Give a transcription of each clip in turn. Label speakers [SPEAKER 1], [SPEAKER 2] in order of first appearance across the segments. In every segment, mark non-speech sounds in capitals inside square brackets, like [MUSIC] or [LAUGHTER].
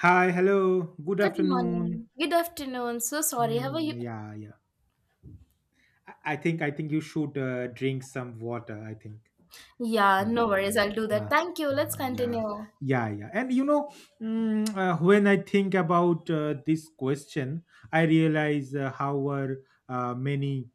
[SPEAKER 1] Hi, hello, good
[SPEAKER 2] Good
[SPEAKER 1] afternoon.
[SPEAKER 2] morning. Good afternoon. So sorry. How are
[SPEAKER 1] Mm,
[SPEAKER 2] you?
[SPEAKER 1] yeah, yeah. I think you should drink some water. I think.
[SPEAKER 2] Yeah,
[SPEAKER 1] Yeah,
[SPEAKER 2] no worries. I'll do
[SPEAKER 1] uh,
[SPEAKER 2] that.
[SPEAKER 1] uh,
[SPEAKER 2] Thank you. Let's
[SPEAKER 1] yeah,
[SPEAKER 2] continue.
[SPEAKER 1] yeah, yeah. And you know, mm, when I think about this question, I realize how are many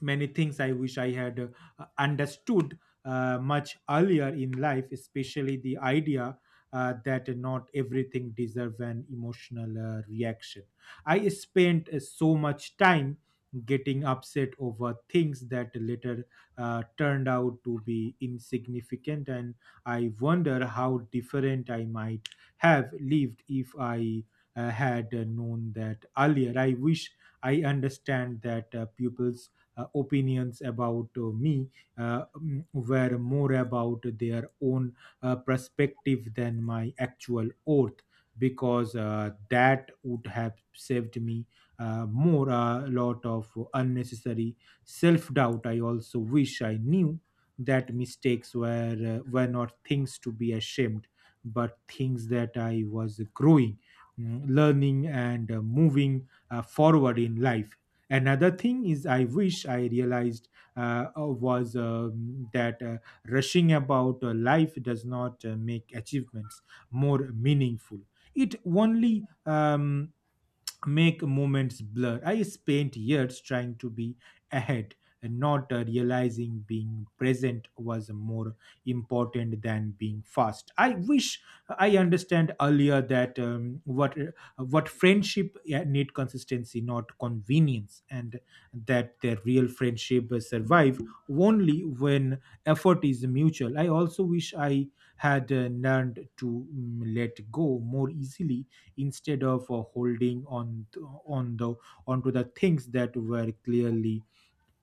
[SPEAKER 1] many things I wish I had understood much earlier in life, especially the idea that not everything deserves an emotional reaction. I spent so much time getting upset over things that later turned out to be insignificant, and I wonder how different I might have lived if I had known that earlier. I wish I understand that pupils' opinions about me were more about their own perspective than my actual oath because that would have saved me more a lot of unnecessary self doubt. I also wish I knew that mistakes were not things to be ashamed but things that I was learning and moving forward in life. Another thing is, I wish I realized was that rushing about life does not make achievements more meaningful. It only make moments blur. I spent years trying to be ahead and not realizing being present was more important than being fast. I wish I understand earlier that what friendship, yeah, need consistency, not convenience, and that the real friendship survive only when effort is mutual. I also wish I had learned to let go more easily instead of holding on th- on the onto the things that were clearly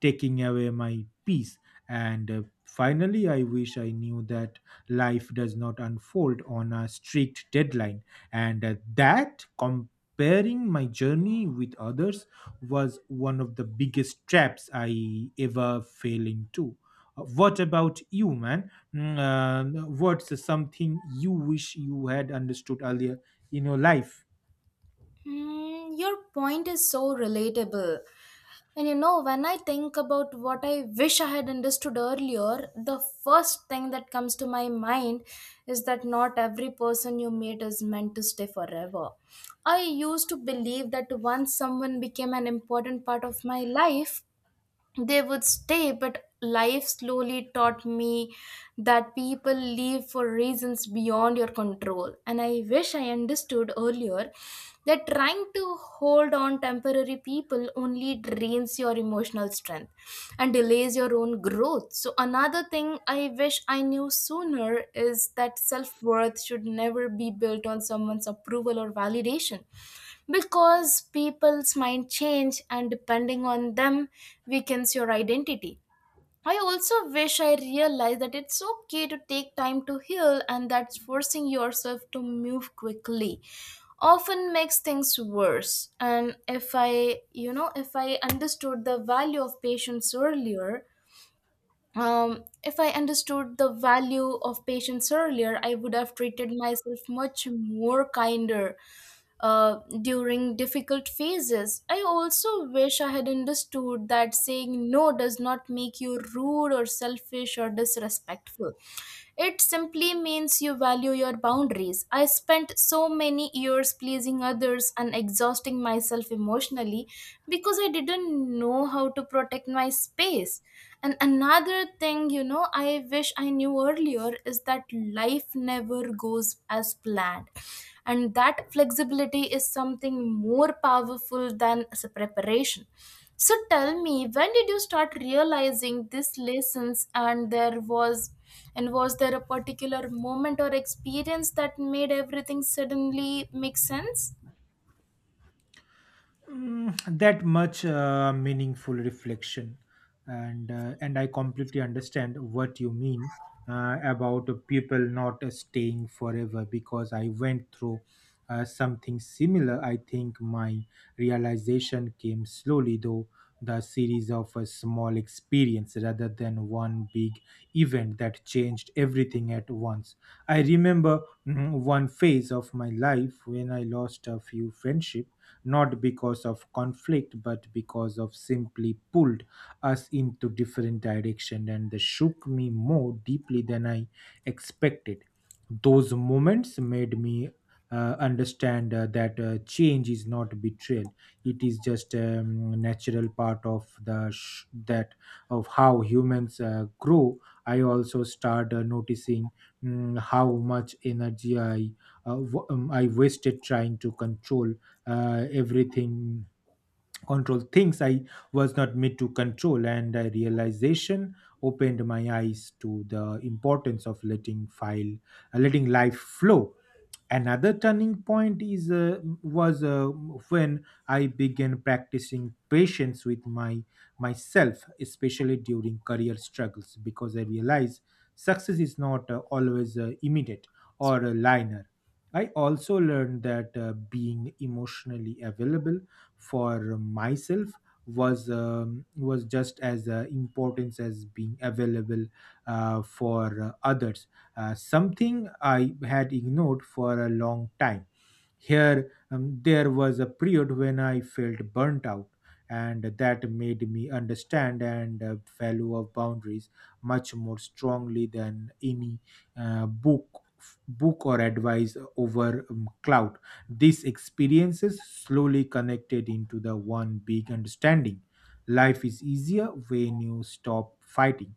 [SPEAKER 1] taking away my peace, and finally I wish I knew that life does not unfold on a strict deadline, and that comparing my journey with others was one of the biggest traps I ever fell into. What about you, man? What's something you wish you had understood earlier in your life?
[SPEAKER 2] Hmm, your point is so relatable. And you know, when I think about what I wish I had understood earlier, the first thing that comes to my mind is that not every person you meet is meant to stay forever. I used to believe that once someone became an important part of my life, they would stay but life slowly taught me that people leave for reasons beyond your control, and I wish I understood earlier that trying to hold on temporary people only drains your emotional strength and delays your own growth. So another thing I wish I knew sooner is that self-worth should never be built on someone's approval or validation, because people's mind change and depending on them weakens your identity. I also wish I realized that it's okay to take time to heal, and that forcing yourself to move quickly often makes things worse. And if I you know if I understood the value of patience earlier if I understood the value of patience earlier, I would have treated myself much more kinder during difficult phases. I also wish I had understood that saying no does not make you rude or selfish or disrespectful. It simply means you value your boundaries. I spent so many years pleasing others and exhausting myself emotionally because I didn't know how to protect my space. And another thing, you know, I wish I knew earlier is that life never goes as planned. And that flexibility is something more powerful than preparation. So tell me, when did you start realizing these lessons, and there was and was there a particular moment or experience that made everything suddenly make sense?
[SPEAKER 1] That much meaningful reflection, and and I completely understand what you mean about people not staying forever, because I went through something similar. I think my realization came slowly though, the series of a small experience rather than one big event that changed everything at once. I remember one phase of my life when I lost a few friendships, not because of conflict but because of simply pulled us into different direction, and they shook me more deeply than I expected. Those moments made me understand that change is not betrayal, it is just a natural part of the sh- that of how humans grow. I also start noticing how much energy I I wasted trying to control everything, control things I was not made to control, and a realization opened my eyes to the importance of letting life flow. Another turning point is was when I began practicing patience with my myself, especially during career struggles, because I realized success is not always immediate or a linear. I also learned that being emotionally available for myself was just as important as being available for others, something I had ignored for a long time. Here, there was a period when I felt burnt out, and that made me understand and value of boundaries much more strongly than any uh, book book or advice over cloud. These experiences slowly connected into the one big understanding: life is easier when you stop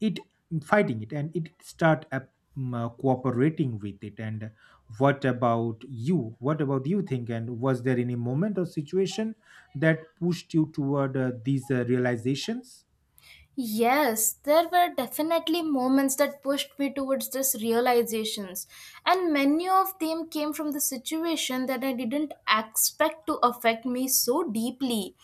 [SPEAKER 1] it fighting it and it start up cooperating with it. And what about you think, and was there any moment or situation that pushed you toward these realizations?
[SPEAKER 2] Yes, there were definitely moments that pushed me towards these realizations, and many of them came from the situation that I didn't expect to affect me so deeply.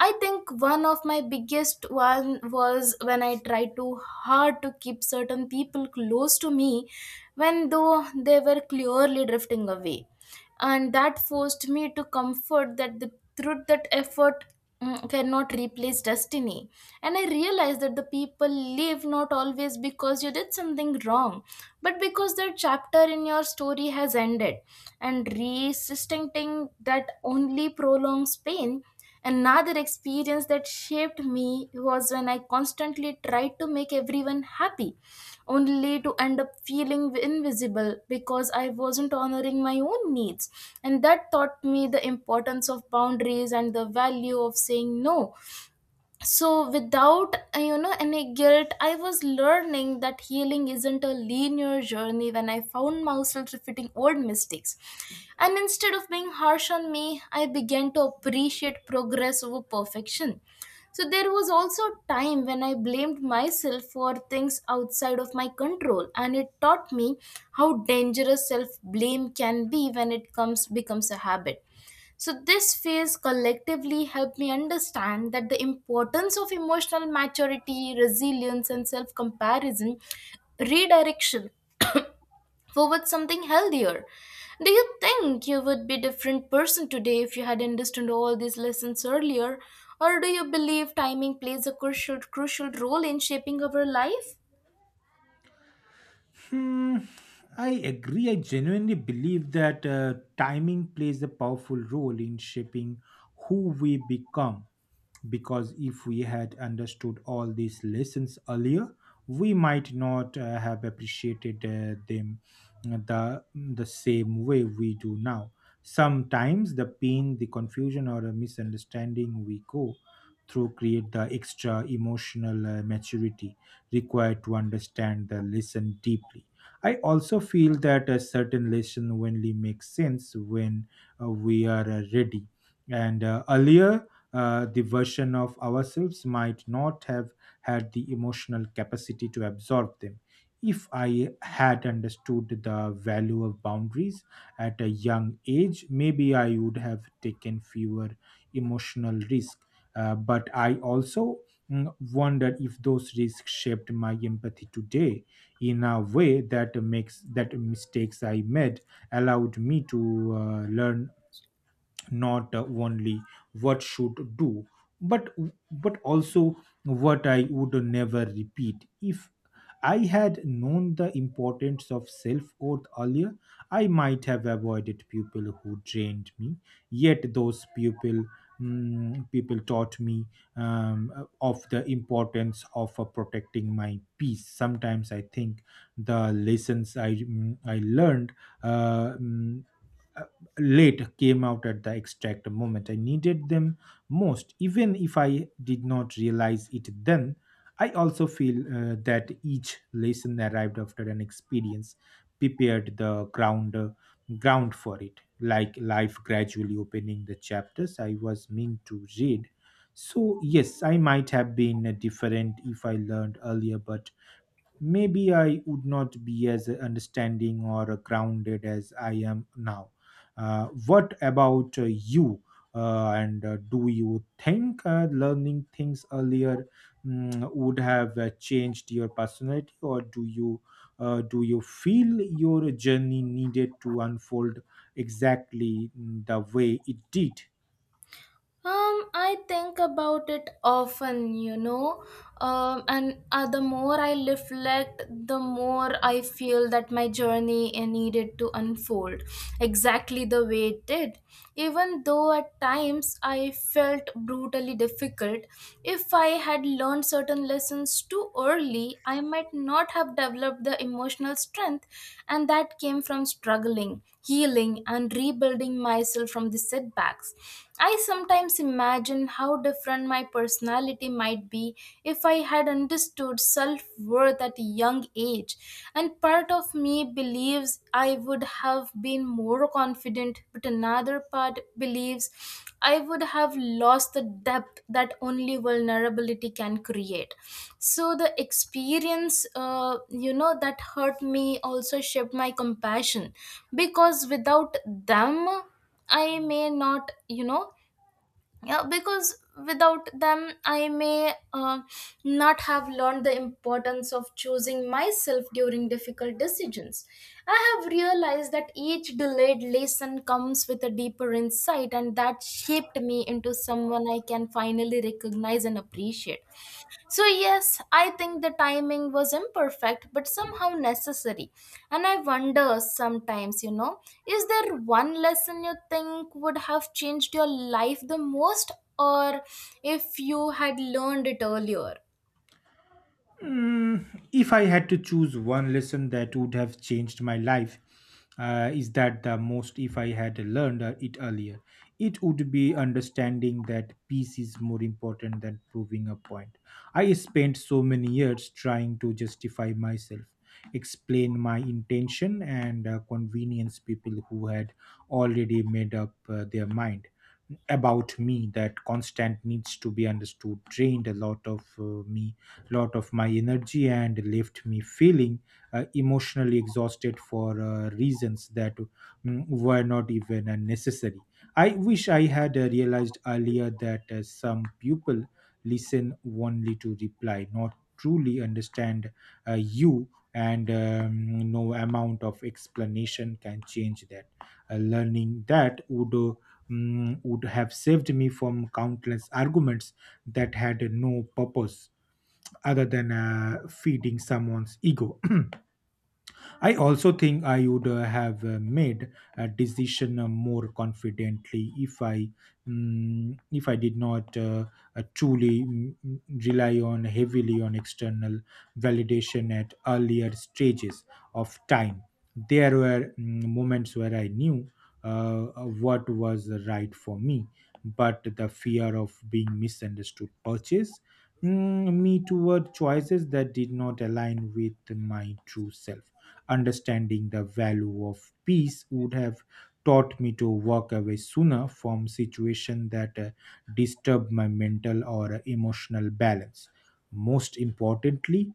[SPEAKER 2] I think one of my biggest one was when I tried too hard to keep certain people close to me when though they were clearly drifting away, and that forced me to comfort that the truth that effort cannot replace destiny. And I realized that the people leave not always because you did something wrong, but because their chapter in your story has ended, and resisting that only prolongs pain. Another experience that shaped me was when I constantly tried to make everyone happy, only to end up feeling invisible because I wasn't honoring my own needs. And that taught me the importance of boundaries and the value of saying no, so without you know, any guilt. I was learning that healing isn't a linear journey when I found myself repeating old mistakes, and instead of being harsh on me, I began to appreciate progress over perfection. So there was also a time when I blamed myself for things outside of my control, and it taught me how dangerous self blame can be when it comes becomes a habit. So, this phase collectively helped me understand that the importance of emotional maturity, resilience, and self comparison redirection forward something healthier. Do you think you would be a different person today if you had understood all these lessons earlier? Or do you believe timing plays a crucial role in shaping our life?
[SPEAKER 1] Hmm, I agree. I genuinely believe that timing plays a powerful role in shaping who we become, because if we had understood all these lessons earlier, we might not have appreciated them the same way we do now. Sometimes the pain, the confusion, or a misunderstanding we go through create the extra emotional maturity required to understand the lesson deeply. I also feel that a certain lesson only makes sense when we are ready, and earlier the version of ourselves might not have had the emotional capacity to absorb them. If I had understood the value of boundaries at a young age, maybe I would have taken fewer emotional risks. But I also wonder if those risks shaped my empathy today in a way that makes that mistakes I made allowed me to learn not only what should do, but also what I would never repeat. If I had known the importance of self worth earlier, I might have avoided people who drained me, yet those people taught me of the importance of protecting my peace. Sometimes I think the lessons I learned uh, mm, uh, late came out at the exact moment I needed them most, even if I did not realize it then. I also feel that each lesson arrived after an experience prepared the ground for it, like life gradually opening the chapters I was meant to read. So yes, I might have been different if I learned earlier, but maybe I would not be as understanding or grounded as I am now. What about you? And Do you think learning things earlier would have changed your personality, or do you feel your journey needed to unfold exactly the way it did?
[SPEAKER 2] I think about it often, you know, and the more I reflect, the more I feel that my journey needed to unfold exactly the way it did. Even though at times I felt brutally difficult, if I had learned certain lessons too early, I might not have developed the emotional strength, and that came from struggling healing, and rebuilding myself from the setbacks. I sometimes imagine how different my personality might be if I had understood self worth at a young age, and part of me believes I would have been more confident, but another part believes I would have lost the depth that only vulnerability can create. So the experience, you know, that hurt me also shaped my compassion. Because without them, I may not, you know, yeah because without them, I may not have learned the importance of choosing myself during difficult decisions. I have realized that each delayed lesson comes with a deeper insight, and that shaped me into someone I can finally recognize and appreciate. So, yes, I think the timing was imperfect, but somehow necessary. And I wonder sometimes, you know, is there one lesson you think would have changed your life the most, or if you had learned it earlier?
[SPEAKER 1] Mm, if I had to choose one lesson that would have changed my life, is that the most if I had learned it earlier, it would be understanding that peace is more important than proving a point. I spent so many years trying to justify myself, explain my intention, and convenience people who had already made up their mind about me. That constant needs to be understood drained a lot of me lot of my energy and left me feeling emotionally exhausted for reasons that were not even necessary. I wish I had realized earlier that some people listen only to reply, not truly understand you, and no amount of explanation can change that. Learning that would would have saved me from countless arguments that had no purpose other than feeding someone's ego. [CLEARS THROAT] I also think I would have made a decision more confidently if if I did not uh, truly mm, mm, rely on heavily on external validation at earlier stages of time. There were moments where I knew uh, what was right for me, but the fear of being misunderstood purchase me toward choices that did not align with my true self. Understanding the value of peace would have taught me to walk away sooner from situations that disturb my mental or emotional balance. Most importantly,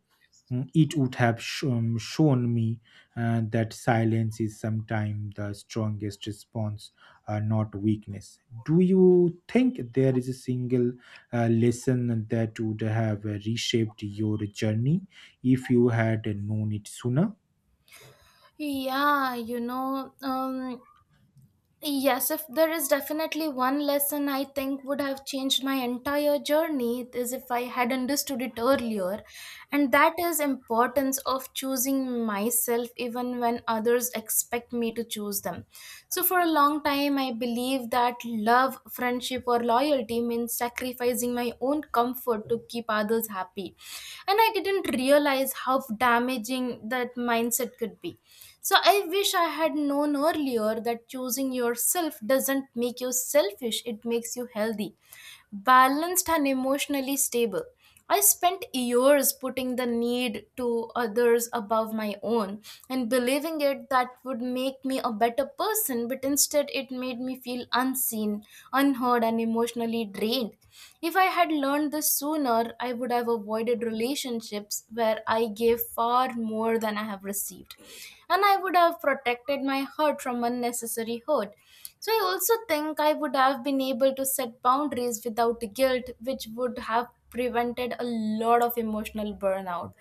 [SPEAKER 1] it would have shown me that silence is sometimes the strongest response, not weakness. Do you think there is a single lesson that would have reshaped your journey if you had known it sooner?
[SPEAKER 2] Yeah, you know, um, Yes, if there is definitely one lesson I think would have changed my entire journey it is if I had understood it earlier, and that is importance of choosing myself even when others expect me to choose them. So for a long time, I believed that love, friendship, or loyalty means sacrificing my own comfort to keep others happy, and I didn't realize how damaging that mindset could be. So I wish I had known earlier that choosing yourself doesn't make you selfish, it makes you healthy, balanced and emotionally stable. I spent years putting the need to others above my own and believing it that would make me a better person, but instead it made me feel unseen, unheard, and emotionally drained. If I had learned this sooner, I would have avoided relationships where I gave far more than I have received, and I would have protected my heart from unnecessary hurt. So I also think I would have been able to set boundaries without guilt, which would have prevented a lot of emotional burnout.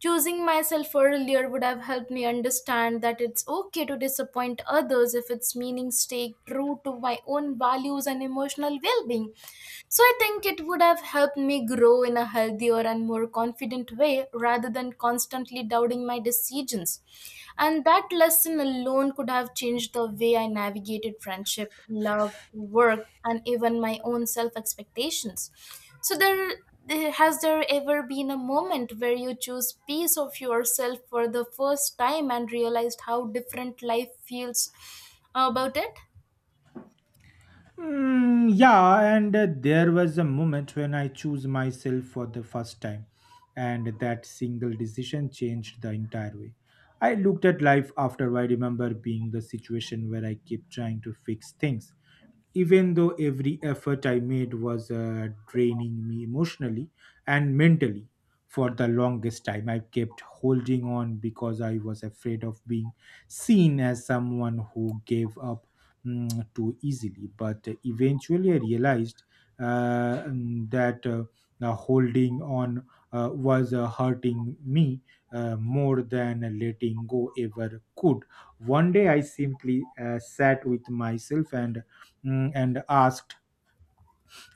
[SPEAKER 2] Choosing myself earlier would have helped me understand that it's okay to disappoint others if its meaning stay true to my own values and emotional well-being. So I think it would have helped me grow in a healthier and more confident way rather than constantly doubting my decisions. And that lesson alone could have changed the way I navigated friendship, love, work, and even my own self expectations. So, has there ever been a moment where you chose peace of yourself for the first time and realized how different life feels about it?
[SPEAKER 1] Yeah, and there was a moment when I chose myself for the first time, and that single decision changed the entire way I looked at life. After I remember being the situation where I kept trying to fix things even though every effort I made was draining me emotionally and mentally. For the longest time, I kept holding on because I was afraid of being seen as someone who gave up too easily. But eventually, I realized that the holding on was hurting me more than letting go ever could. One day, I simply sat with myself and and asked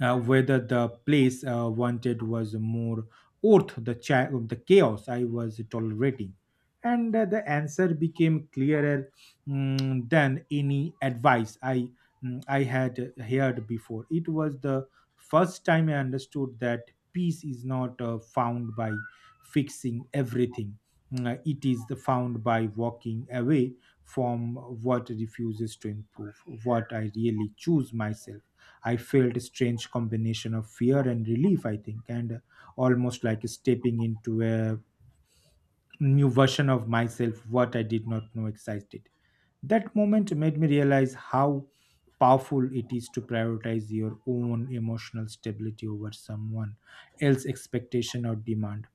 [SPEAKER 1] whether the place wanted was more worth the chaos I was tolerating. And the answer became clearer than any advice I had heard before. It was the first time I understood that peace is not found by fixing everything. It is the found by walking away from what refuses to improve, what I really choose myself. I felt a strange combination of fear and relief, I think, and almost like stepping into a new version of myself, what I did not know existed. That moment made me realize how powerful it is to prioritize your own emotional stability over someone else's expectation or demand.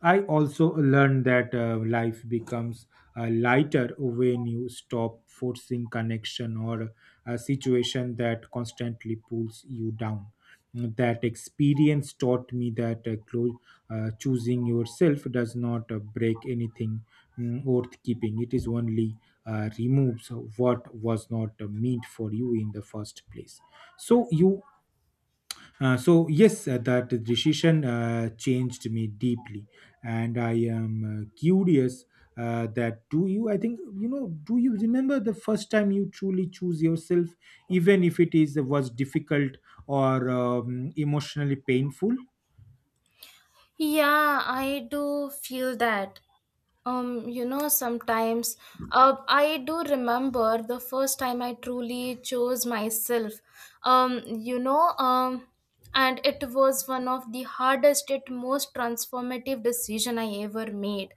[SPEAKER 1] I also learned that life becomes lighter when you stop forcing connection or a situation that constantly pulls you down. That experience taught me that choosing yourself does not break anything worth keeping. It is only removes what was not meant for you in the first place, so you so yes, that decision changed me deeply, and I am curious, that do you I think you know do you remember the first time you truly choose yourself, even if it is was difficult or emotionally painful?
[SPEAKER 2] Yeah, I do feel that. You know, sometimes I do remember the first time I truly chose myself. Um, you know, um, and it was one of the hardest yet most transformative decision I ever made.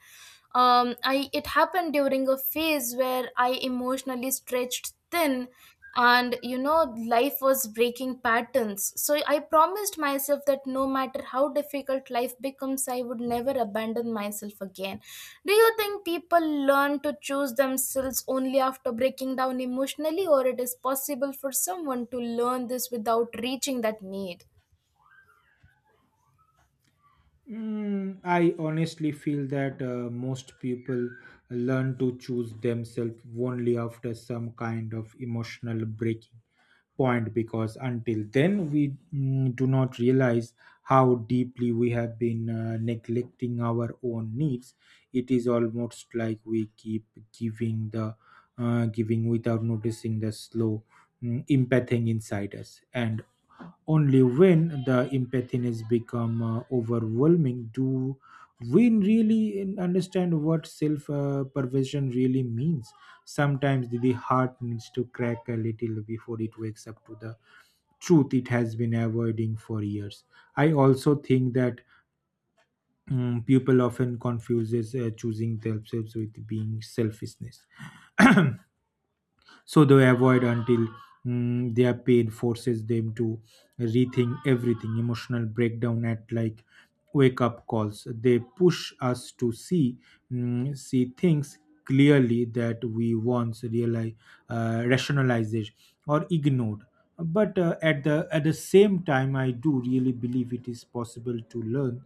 [SPEAKER 2] I It happened during a phase where I emotionally stretched thin, and you know, life was breaking patterns. So I promised myself that no matter how difficult life becomes, I would never abandon myself again. Do you think people learn to choose themselves only after breaking down emotionally, or it is possible for someone to learn this without reaching that need?
[SPEAKER 1] Mm, I honestly feel that most people learn to choose themselves only after some kind of emotional breaking point, because until then we do not realize how deeply we have been neglecting our own needs. It is almost like we keep giving the giving without noticing the slow empathing inside us, and only when the emptiness become overwhelming do we really understand what self perversion really means. Sometimes the heart needs to crack a little before it wakes up to the truth it has been avoiding for years. I also think that people often confuses choosing themselves with being selfishness. [CLEARS THROAT] So they avoid until their pain forces them to rethink everything. Emotional breakdown at like wake up calls, they push us to see, see things clearly that we once realize, rationalized or ignored. But at the same time, I do really believe it is possible to learn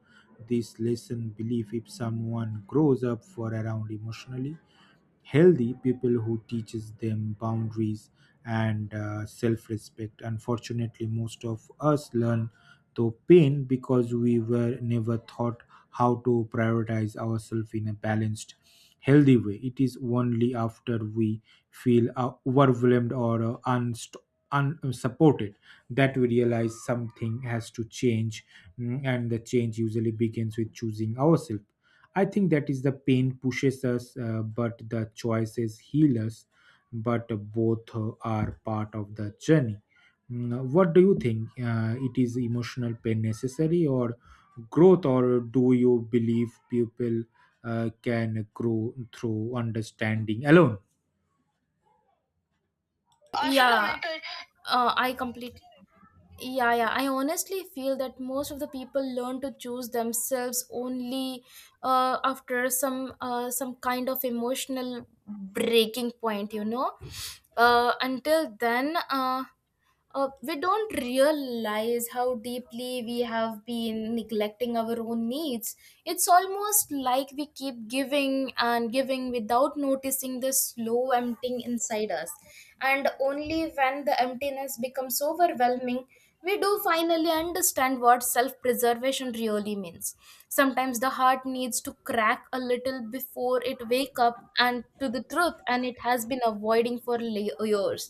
[SPEAKER 1] this lesson. Believe if someone grows up for around emotionally healthy people who teaches them boundaries and self-respect. Unfortunately, most of us learn through pain because we were never taught how to prioritize ourselves in a balanced, healthy way. It is only after we feel overwhelmed or unsupported that we realize something has to change. Mm, and the change usually begins with choosing ourselves. I think that is the pain pushes us, but the choices heal us. But both are part of the journey. What do you think? It is emotional pain necessary or growth, or do you believe people can grow through understanding alone?
[SPEAKER 2] yeah uh, i completely Yeah, yeah. I honestly feel that most of the people learn to choose themselves only after some kind of emotional breaking point, you know. Until then, we don't realize how deeply we have been neglecting our own needs. It's almost like we keep giving and giving without noticing the slow emptying inside us. And only when the emptiness becomes overwhelming, we do finally understand what self preservation really means. Sometimes the heart needs to crack a little before it wake up and to the truth and it has been avoiding for years.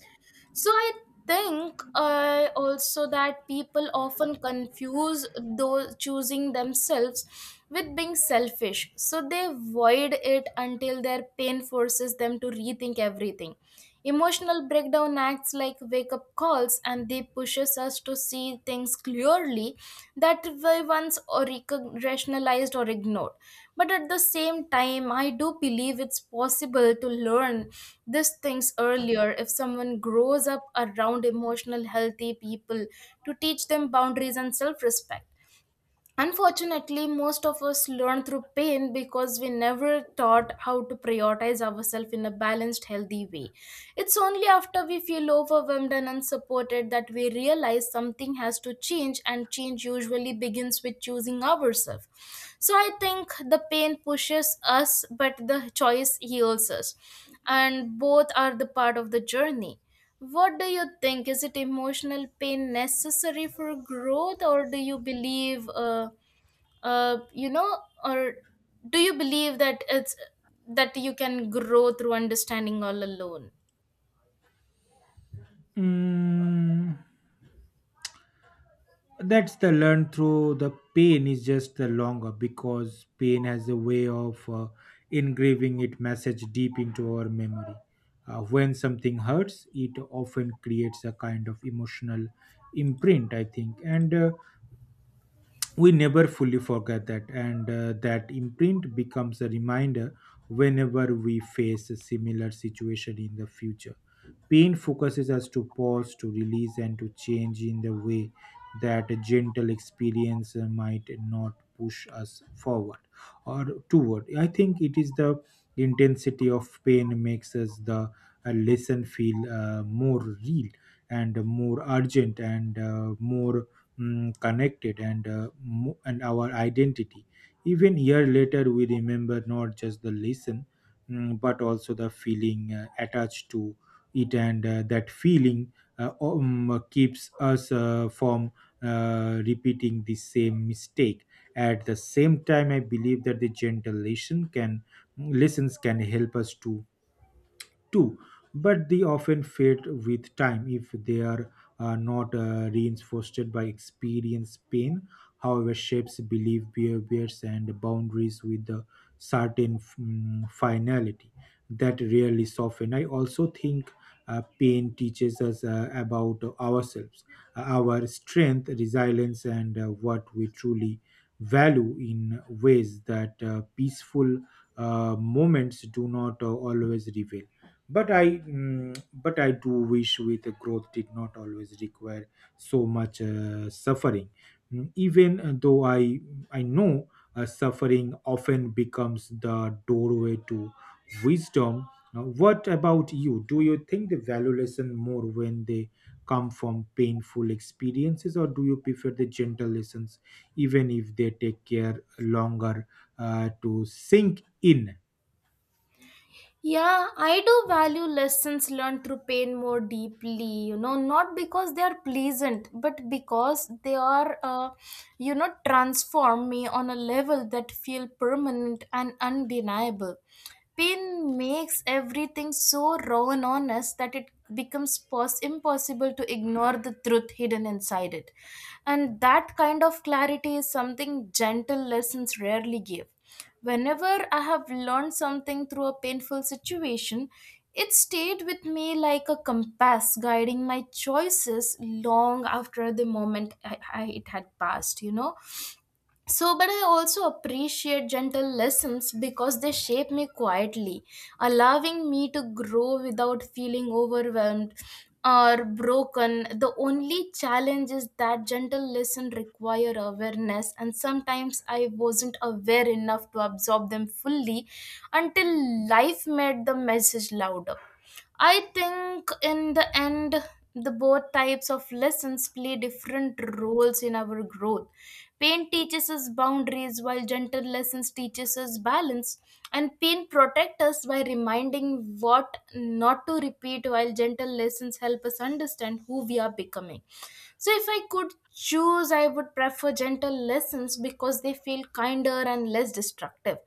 [SPEAKER 2] So I think also that people often confuse those choosing themselves with being selfish. So they void it until their pain forces them to rethink everything. Emotional breakdown acts like wake up calls, and they pushes us to see things clearly that we once rationalized or ignored. But at the same time, I do believe it's possible to learn these things earlier if someone grows up around emotional healthy people to teach them boundaries and self-respect. Unfortunately, most of us learn through pain because we never taught how to prioritize ourselves in a balanced, healthy way. It's only after we feel overwhelmed and unsupported that we realize something has to change, and change usually begins with choosing ourselves. So I think the pain pushes us, but the choice heals us, and both are the part of the journey. What do you think? Is it emotional pain necessary for growth, or uh, you know, or do you believe that it's that you can grow through understanding all alone?
[SPEAKER 1] Mm, that's the learn through the pain is just the longer, because pain has a way of engraving its message deep into our memory. When something hurts, it often creates a kind of emotional imprint, I think, and we never fully forget that. And that imprint becomes a reminder whenever we face a similar situation in the future. Pain focuses us to pause, to release, and to change in the way that a gentle experience might not push us forward or toward. I think it is the intensity of pain makes us the lesson feel more real and more urgent and more connected and and our identity. Even year later, we remember not just the lesson, but also the feeling attached to it, and that feeling keeps us from repeating the same mistake. At the same time, I believe that the gentle listen can lessons can help us to too, but they often fade with time if they are not reinforced by experience. Pain, however, shapes belief, behaviors, and boundaries with a certain finality that rarely soften. I also think pain teaches us about ourselves, our strength, resilience, and what we truly value in ways that peaceful moments do not always reveal. But I do wish with the growth did not always require so much suffering. Mm, even though I know suffering often becomes the doorway to wisdom. Now, what about you? Do you think the value lesson more when they come from painful experiences, or do you prefer the gentle lessons even if they take care longer to sink in?
[SPEAKER 2] Yeah, I do value lessons learned through pain more deeply, you know, not because they are pleasant, but because they are, you know, transform me on a level that feel permanent and undeniable. Pain makes everything so raw and honest that it becomes impossible to ignore the truth hidden inside it. And that kind of clarity is something gentle lessons rarely give. Whenever I have learned something through a painful situation, it stayed with me like a compass guiding my choices long after the moment it had passed. But I also appreciate gentle lessons because they shape me quietly, allowing me to grow without feeling overwhelmed or broken. The only challenge is that gentle lessons require awareness, and sometimes I wasn't aware enough to absorb them fully until life made the message louder. I think in the end, the both types of lessons play different roles in our growth. Pain teaches us boundaries, while gentle lessons teaches us balance. And pain protects us by reminding what not to repeat, while gentle lessons help us understand who we are becoming. So, if I could choose, I would prefer gentle lessons because they feel kinder and less destructive.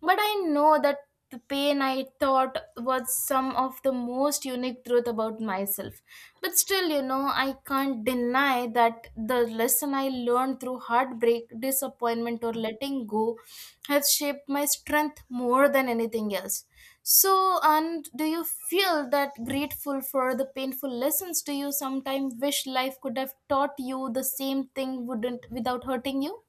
[SPEAKER 2] But I know that the pain I thought was some of the most unique truth about myself. But still, I can't deny that the lesson I learned through heartbreak, disappointment, or letting go have shaped my strength more than anything else. So, and do you feel that grateful for the painful lessons? Do you sometimes wish life could have taught you the same thing wouldn't without hurting you?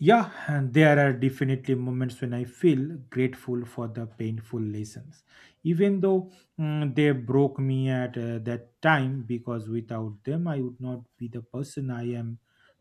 [SPEAKER 1] Yeah, and there are definitely moments when I feel grateful for the painful lessons, even though, they broke me at that time, because without them, I would not be the person I am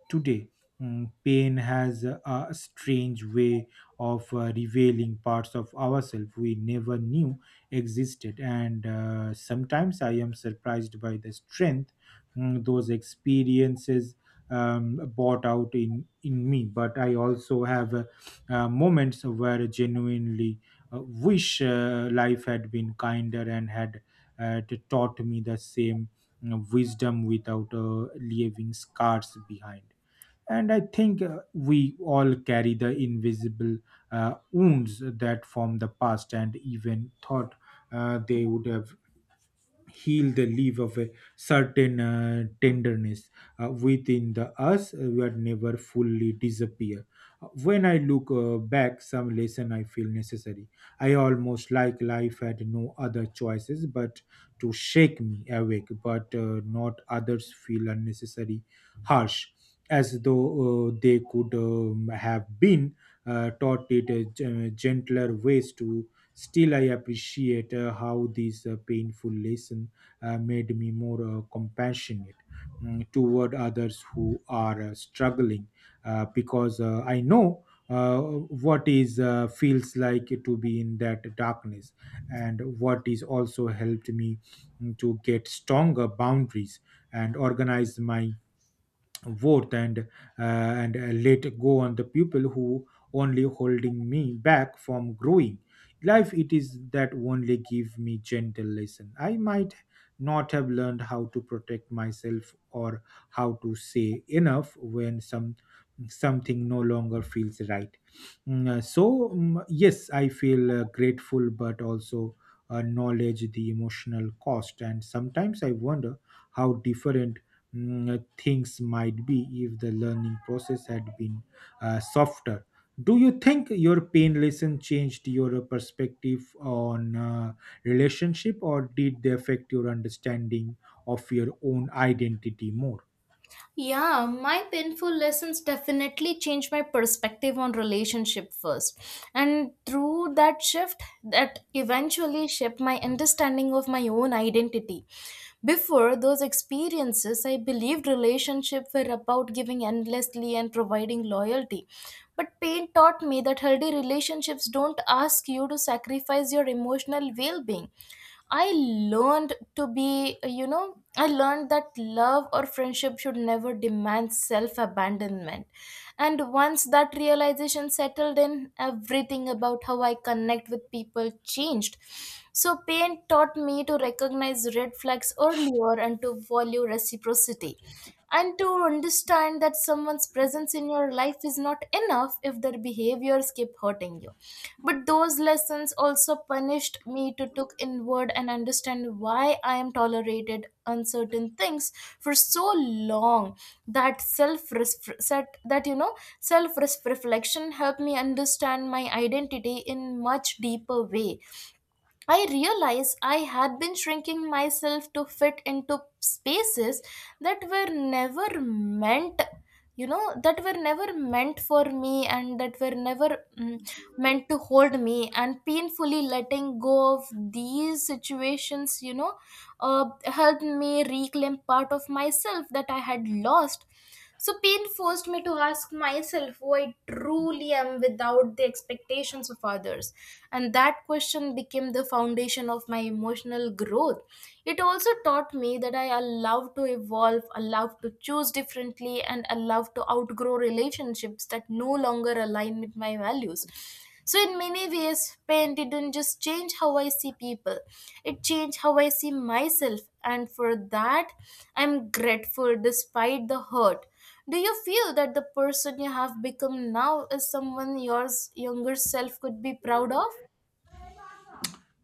[SPEAKER 1] today. Mm, pain has a strange way of revealing parts of ourselves we never knew existed, and sometimes I am surprised by the strength those experiences bought out in me. But I also have moments where I genuinely wish life had been kinder and had taught me the same, you know, wisdom without leaving scars behind. And I think we all carry the invisible wounds that from the past, and even thought they would have heal the leave of a certain tenderness within the us were never fully disappear. When I look back, some lesson I feel necessary, I almost like life had no other choices but to shake me awake, but not others feel unnecessary harsh, as though they could have been taught it gentler ways to. Still, I appreciate how this painful lesson made me more compassionate toward others who are struggling, because I know what is feels like to be in that darkness. And what is also helped me to get stronger boundaries and organize my worth, and let go on the people who only holding me back from growing. Life, it is that only give me gentle lesson, I might not have learned how to protect myself or how to say enough when some something no longer feels right. So, yes, I feel grateful, but also knowledge the emotional cost, and sometimes I wonder how different things might be if the learning process had been softer. Do you think your pain lesson changed your perspective on relationship, or did they affect your understanding of your own identity more?
[SPEAKER 2] Yeah, my painful lessons definitely changed my perspective on relationship first. And through that shift, that eventually shaped my understanding of my own identity. Before those experiences, I believed relationship were about giving endlessly and providing loyalty. But pain taught me that healthy relationships don't ask you to sacrifice your emotional well being. I learned to I learned that love or friendship should never demand self abandonment. And once that realization settled in, everything about how I connect with people changed. So, pain taught me to recognize red flags earlier and to value reciprocity. And to understand that someone's presence in your life is not enough if their behaviors keep hurting you, but those lessons also punished me to look inward and understand why I am tolerated uncertain things for so long. That self set that self reflection helped me understand my identity in much deeper way. I realized I had been shrinking myself to fit into spaces that were never meant, you know, that were never meant for me and that were never meant to hold me. And painfully letting go of these situations, helped me reclaim part of myself that I had lost. So, pain forced me to ask myself who I truly am without the expectations of others. And that question became the foundation of my emotional growth. It also taught me that I allow to evolve, allow to choose differently, and allow to outgrow relationships that no longer align with my values. So, in many ways, pain didn't just change how I see people, it changed how I see myself. And for that, I'm grateful despite the hurt. Do you feel that the person you have become now is someone yours younger self could be proud of?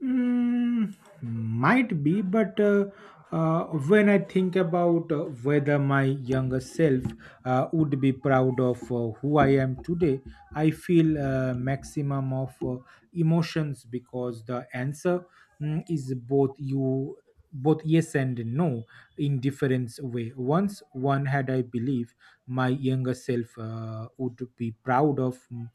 [SPEAKER 1] Mm, might be, but when I think about whether my younger self would be proud of who I am today, I feel maximum of emotions, because the answer is both, you both, yes and no in different way once one had. I believe my younger self would be proud of,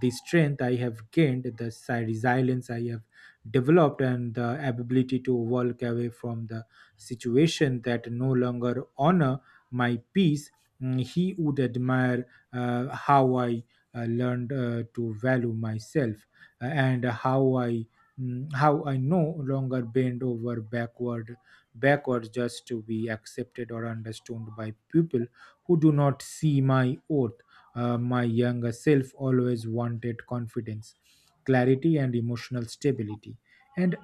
[SPEAKER 1] the strength I have gained, the resilience I have developed, and the ability to walk away from the situation that no longer honor my peace. Mm, he would admire how I learned to value myself, and how I no longer bend over backwards just to be accepted or understood by people who do not see my worth. Uh, my younger self always wanted confidence, clarity, and emotional stability, and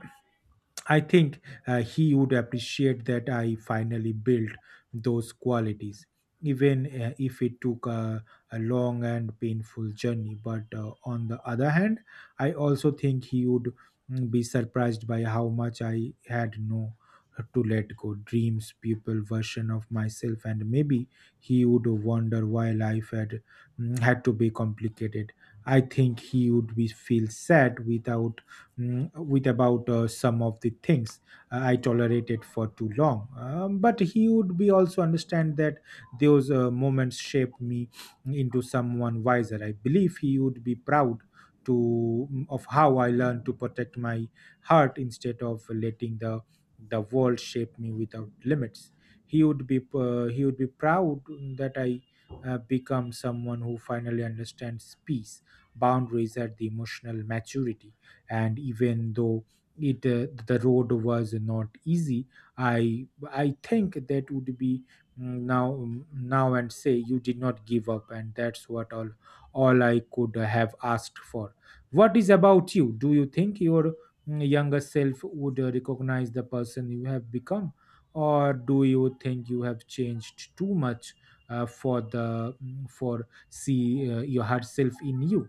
[SPEAKER 1] I think he would appreciate that I finally built those qualities, even if it took a long and painful journey. But on the other hand, I also think he would be surprised by how much I had no to let go dreams people version of myself. And maybe he would wonder why life had had to be complicated. I think he would be feel sad without, with about some of the things I tolerated for too long. But he would be also understand that those moments shaped me into someone wiser. I believe he would be proud to, of how I learned to protect my heart instead of letting the world shape me without limits. He would be proud that I become someone who finally understands peace, boundaries, and the emotional maturity. And even though it, the road was not easy, i I think that would be, now and say you did not give up, and that's what all I could have asked for. What is about you? Do you think your younger self would recognize the person you have become, or do you think you have changed too much for the, for see your herself in you?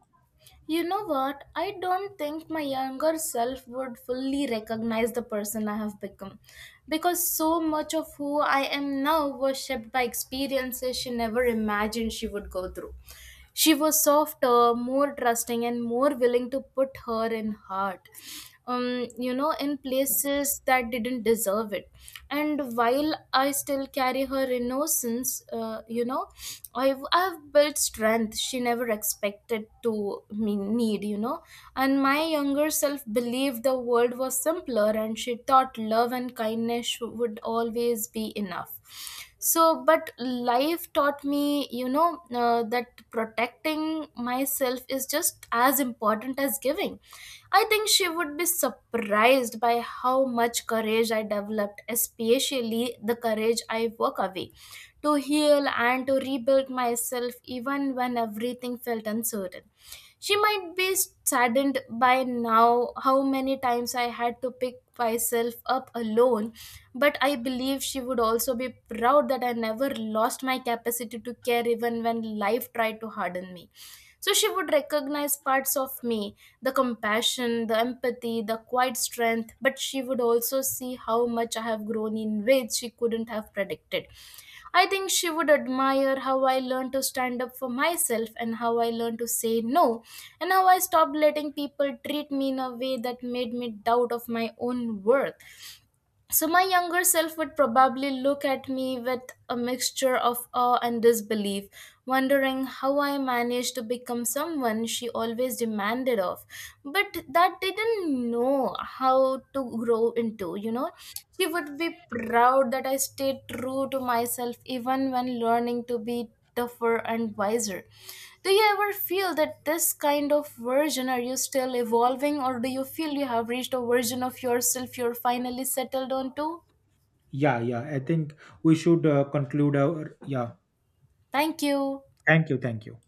[SPEAKER 2] You know what? I don't think my younger self would fully recognize the person I have become because so much of who I am now was shaped by experiences she never imagined she would go through. She was softer, more trusting, and more willing to put her in heart. In places that didn't deserve it. And while I still carry her innocence, I've built strength she never expected to me need. And my younger self believed the world was simpler and she thought love and kindness would always be enough. So, but life taught me, that protecting myself is just as important as giving. I think she would be surprised by how much courage I developed, especially the courage I walk away to heal and to rebuild myself even when everything felt uncertain. She might be saddened by now how many times I had to pick myself up alone, but I believe she would also be proud that I never lost my capacity to care even when life tried to harden me. So she would recognize parts of me, the compassion, the empathy, the quiet strength. But she would also see how much I have grown in ways she couldn't have predicted. I think she would admire how I learned to stand up for myself and how I learned to say no and how I stopped letting people treat me in a way that made me doubt of my own worth. So my younger self would probably look at me with a mixture of awe and disbelief, wondering how I managed to become someone she always demanded of, but that didn't know how to grow into. She would be proud that I stayed true to myself even when learning to be tougher and wiser. Do you ever feel that this kind of version are you still evolving or do you feel you have reached a version of yourself you're finally settled on to?
[SPEAKER 1] Yeah, yeah. I think we should conclude our. Yeah.
[SPEAKER 2] Thank you.
[SPEAKER 1] Thank you. Thank you.